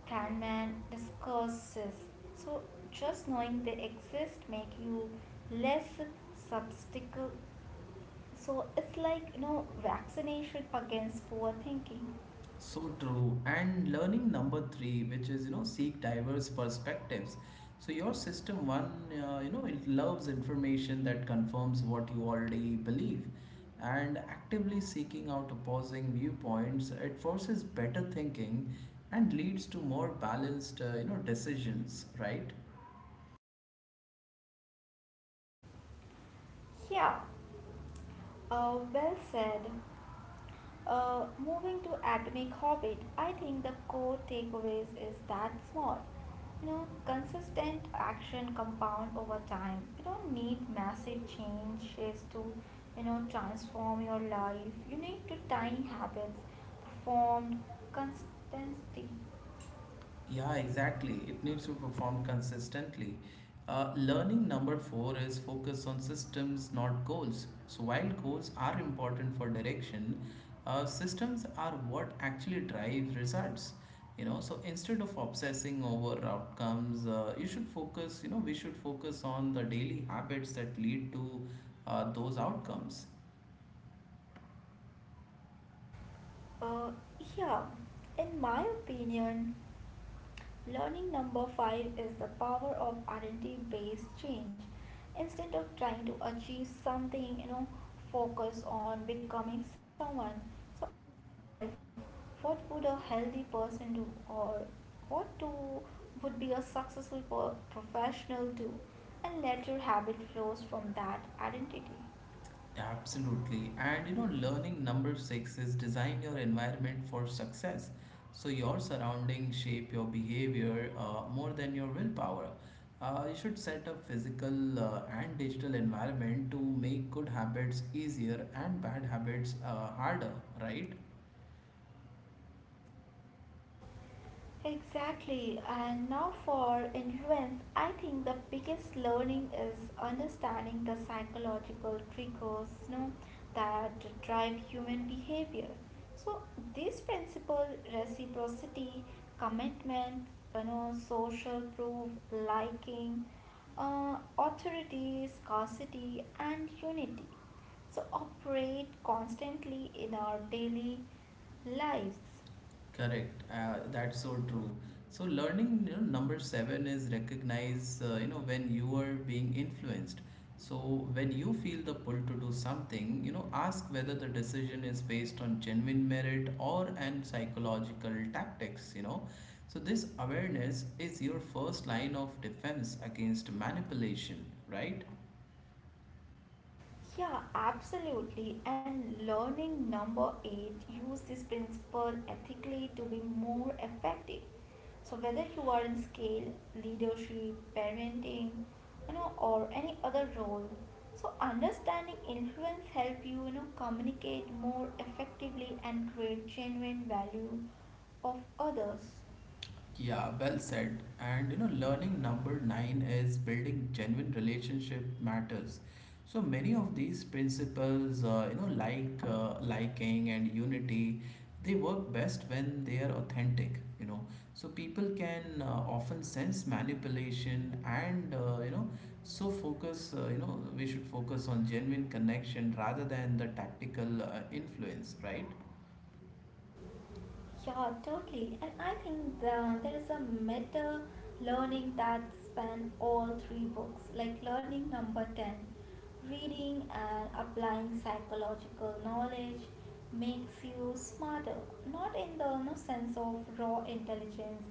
[SPEAKER 2] Kahneman discusses. So, just knowing they exist make you less skeptical. So, it's like vaccination against poor thinking.
[SPEAKER 1] So true. And learning number three, which is, you know, seek diverse perspectives. So your system one, you know, it loves information that confirms what you already believe. And actively seeking out opposing viewpoints, it forces better thinking and leads to more balanced, you know, decisions, right?
[SPEAKER 2] Yeah. Well said. Moving to Atomic Hobbit, I think the core takeaways is that small. You know, consistent action compound over time. You don't need massive changes to, you know, transform your life. You need to tiny habits, formed consistency.
[SPEAKER 1] Yeah, exactly. It needs to be performed consistently. Learning number four is focus on systems, not goals. So, while goals are important for direction, systems are what actually drive results. You know, so instead of obsessing over outcomes, you should focus. You know, we should focus on the daily habits that lead to those outcomes.
[SPEAKER 2] Uh, yeah, in my opinion, learning number five is the power of identity based change. Instead of trying to achieve something, you know, focus on becoming someone. So ask yourself, what would a healthy person do, or what do would be a professional do, and let your habit flows from that identity.
[SPEAKER 1] Absolutely. And you know, learning number six is design your environment for success. So your surroundings shape your behavior more than your willpower. You should set up physical and digital environment to make good habits easier and bad habits harder, right?
[SPEAKER 2] Exactly, and now for influence, I think the biggest learning is understanding the psychological triggers, you know, that drive human behavior. So this principle, reciprocity, commitment, you know, social proof, liking, authority, scarcity, and unity. So operate constantly in our daily lives.
[SPEAKER 1] Correct. That's so true. So learning, you know, number seven is recognize, you know, when you are being influenced. So when you feel the pull to do something, you know, ask whether the decision is based on genuine merit or and psychological tactics, you know. So this awareness is your first line of defense against manipulation, right?
[SPEAKER 2] Yeah, absolutely. And learning number eight, use this principle ethically to be more effective. So whether you are in scale, leadership, parenting, you know, or any other role, so understanding influence help you, you know, communicate more effectively and create genuine value of others.
[SPEAKER 1] Yeah, well said. And you know, learning number nine is building genuine relationship matters. So many of these principles, you know, like liking and unity, they work best when they are authentic. You know, so people can often sense manipulation, and so focus. You know, we should focus on genuine connection rather than the tactical influence, right?
[SPEAKER 2] Yeah, totally. And I think there is a meta learning that span all three books, like learning number 10. Reading and applying psychological knowledge makes you smarter, not in the no, sense of raw intelligence,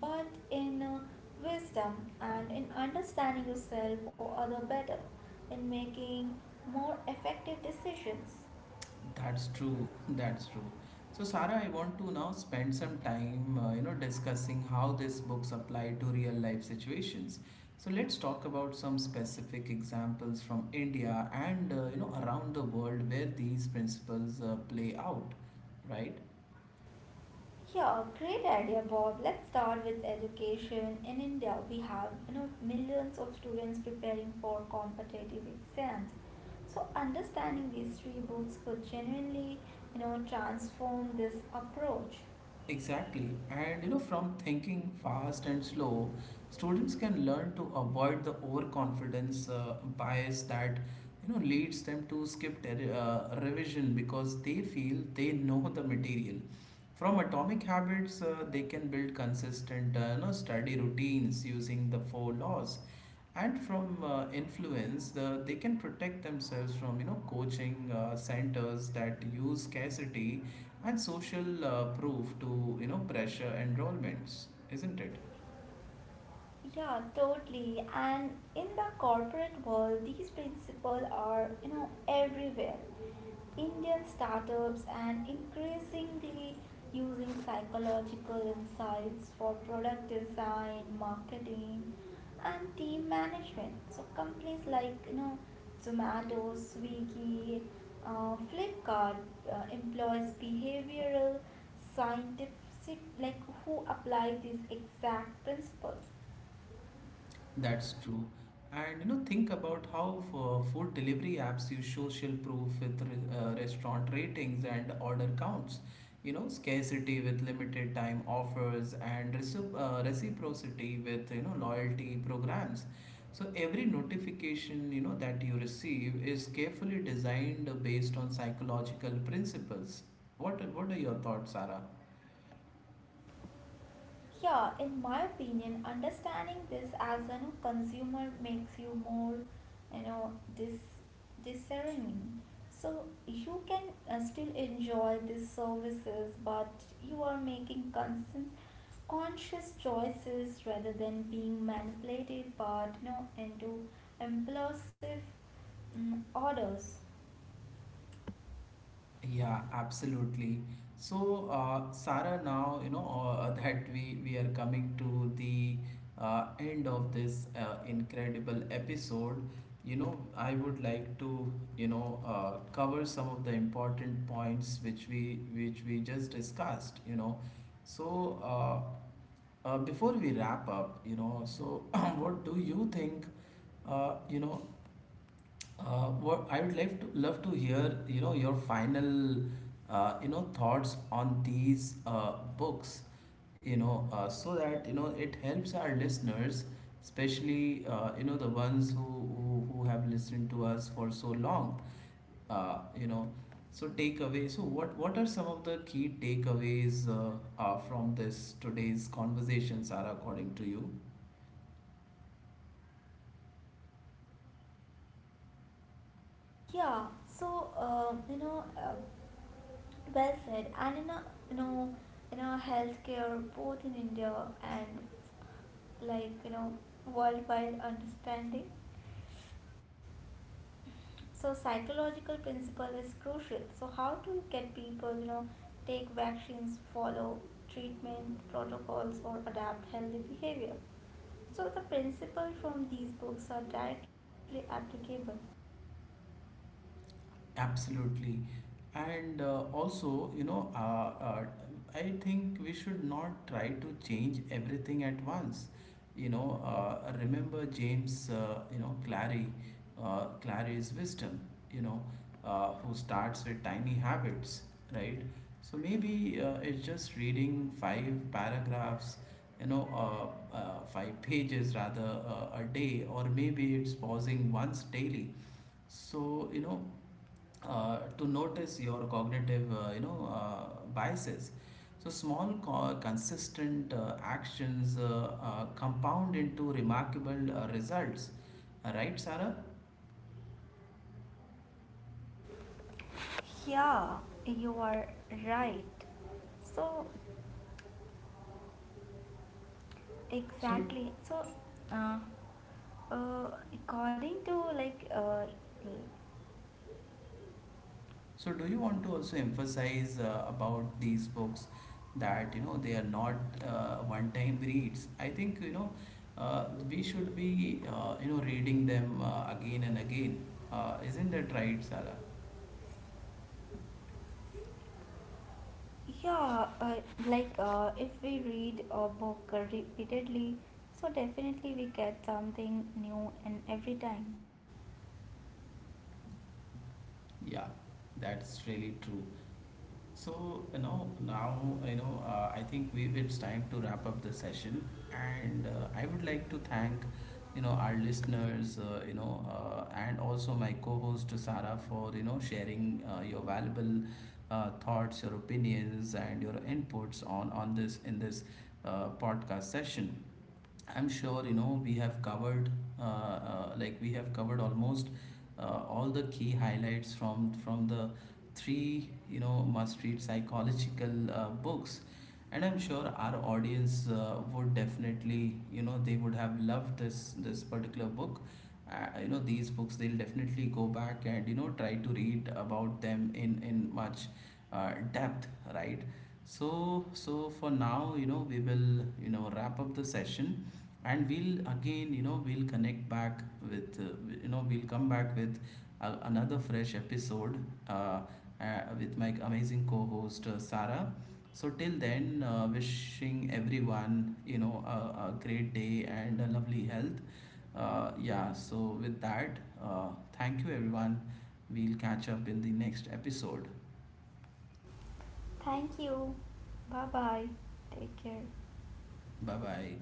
[SPEAKER 2] but in wisdom and in understanding yourself or other better, in making more effective decisions.
[SPEAKER 1] That's true. That's true. So, Sarah, I want to now spend some time, you know, discussing how these books apply to real life situations. So, let's talk about some specific examples from India and, you know, around the world where these principles play out, right?
[SPEAKER 2] Yeah, great idea, Bob. Let's start with education. In India, we have, you know, millions of students preparing for competitive exams. So understanding these three books could genuinely, you know, transform this approach.
[SPEAKER 1] Exactly. And you know, from Thinking Fast and Slow, students can learn to avoid the overconfidence bias that, you know, leads them to skip revision because they feel they know the material. From Atomic Habits, they can build consistent, you know, study routines using the four laws, and from influence, they can protect themselves from, you know, coaching centers that use scarcity and social proof to, you know, pressure enrollments, isn't it?
[SPEAKER 2] Yeah, totally. And in the corporate world, these principles are, you know, everywhere. Indian startups and increasingly using psychological insights for product design, marketing, and team management. So companies like, you know, Zomato, Swiggy, Flipkart employs behavioral scientists like who apply these exact principles.
[SPEAKER 1] That's true. And you know, think about how for food delivery apps use social proof with restaurant ratings and order counts. You know, scarcity with limited time offers and reciprocity with, you know, loyalty programs. So every notification, you know, that you receive is carefully designed based on psychological principles. What are your thoughts, Sarah?
[SPEAKER 2] Yeah, in my opinion, understanding this as a consumer makes you more, you know, dis discerning. So you can still enjoy these services, but you are making conscious choices rather than being manipulated, but you know, into impulsive orders.
[SPEAKER 1] Yeah, absolutely. So, Sarah, now you know that we are coming to the end of this incredible episode. You know, I would like to, you know, cover some of the important points which we just discussed. You know, so before we wrap up, you know, so *clears throat* what do you think? You know, what I would like to love to hear, you know, your final, you know, thoughts on these books, you know, so that you know it helps our listeners, especially you know, the ones who, who have listened to us for so long, you know. So takeaway. So what are some of the key takeaways from this today's conversation, Sarah, according to you?
[SPEAKER 2] Yeah, so well said. And you know, you know, healthcare both in India and like, you know, worldwide understanding. So psychological principle is crucial. So how to get people, you know, take vaccines, follow treatment protocols, or adapt healthy behavior. So the principle from these books are directly applicable.
[SPEAKER 1] Absolutely. And also, you know, I think we should not try to change everything at once. You know, remember James, you know, Clary, Clary's wisdom, you know, who starts with tiny habits, right? So maybe it's just reading five paragraphs, you know, five pages rather a day, or maybe it's pausing once daily, so, you know, to notice your cognitive, you know, biases. So small, consistent actions compound into remarkable results. Right, Sarah?
[SPEAKER 2] Yeah, you are right. So
[SPEAKER 1] So,
[SPEAKER 2] exactly. So uh, according to like
[SPEAKER 1] so do you want to also emphasize about these books that, you know, they are not one-time reads? I think, you know, we should be, you know, reading them again and again. Isn't that right, Sarah?
[SPEAKER 2] yeah, if we read a book repeatedly, so definitely we get something new and every time.
[SPEAKER 1] Yeah, that's really true. So, you know, now, you know, I think we it's time to wrap up the session, and I would like to thank, you know, our listeners, you know, and also my co-host Sarah for, you know, sharing your valuable thoughts, your opinions, and your inputs on this in this podcast session. I'm sure you know we have covered we have covered almost all the key highlights from the three, you know, must read psychological books, and I'm sure our audience would definitely, you know, they would have loved this particular book, you know, these books. They'll definitely go back and, you know, try to read about them in much depth, right? So, so for now, you know, we will, you know, wrap up the session, and we'll again, you know, we'll connect back with, we'll come back with another fresh episode uh, with my amazing co host, Sarah. So, till then, wishing everyone, you know, a great day and a lovely health. Yeah, so with that, thank you, everyone. We'll catch up in the next episode.
[SPEAKER 2] Thank you. Bye bye. Take care.
[SPEAKER 1] Bye bye.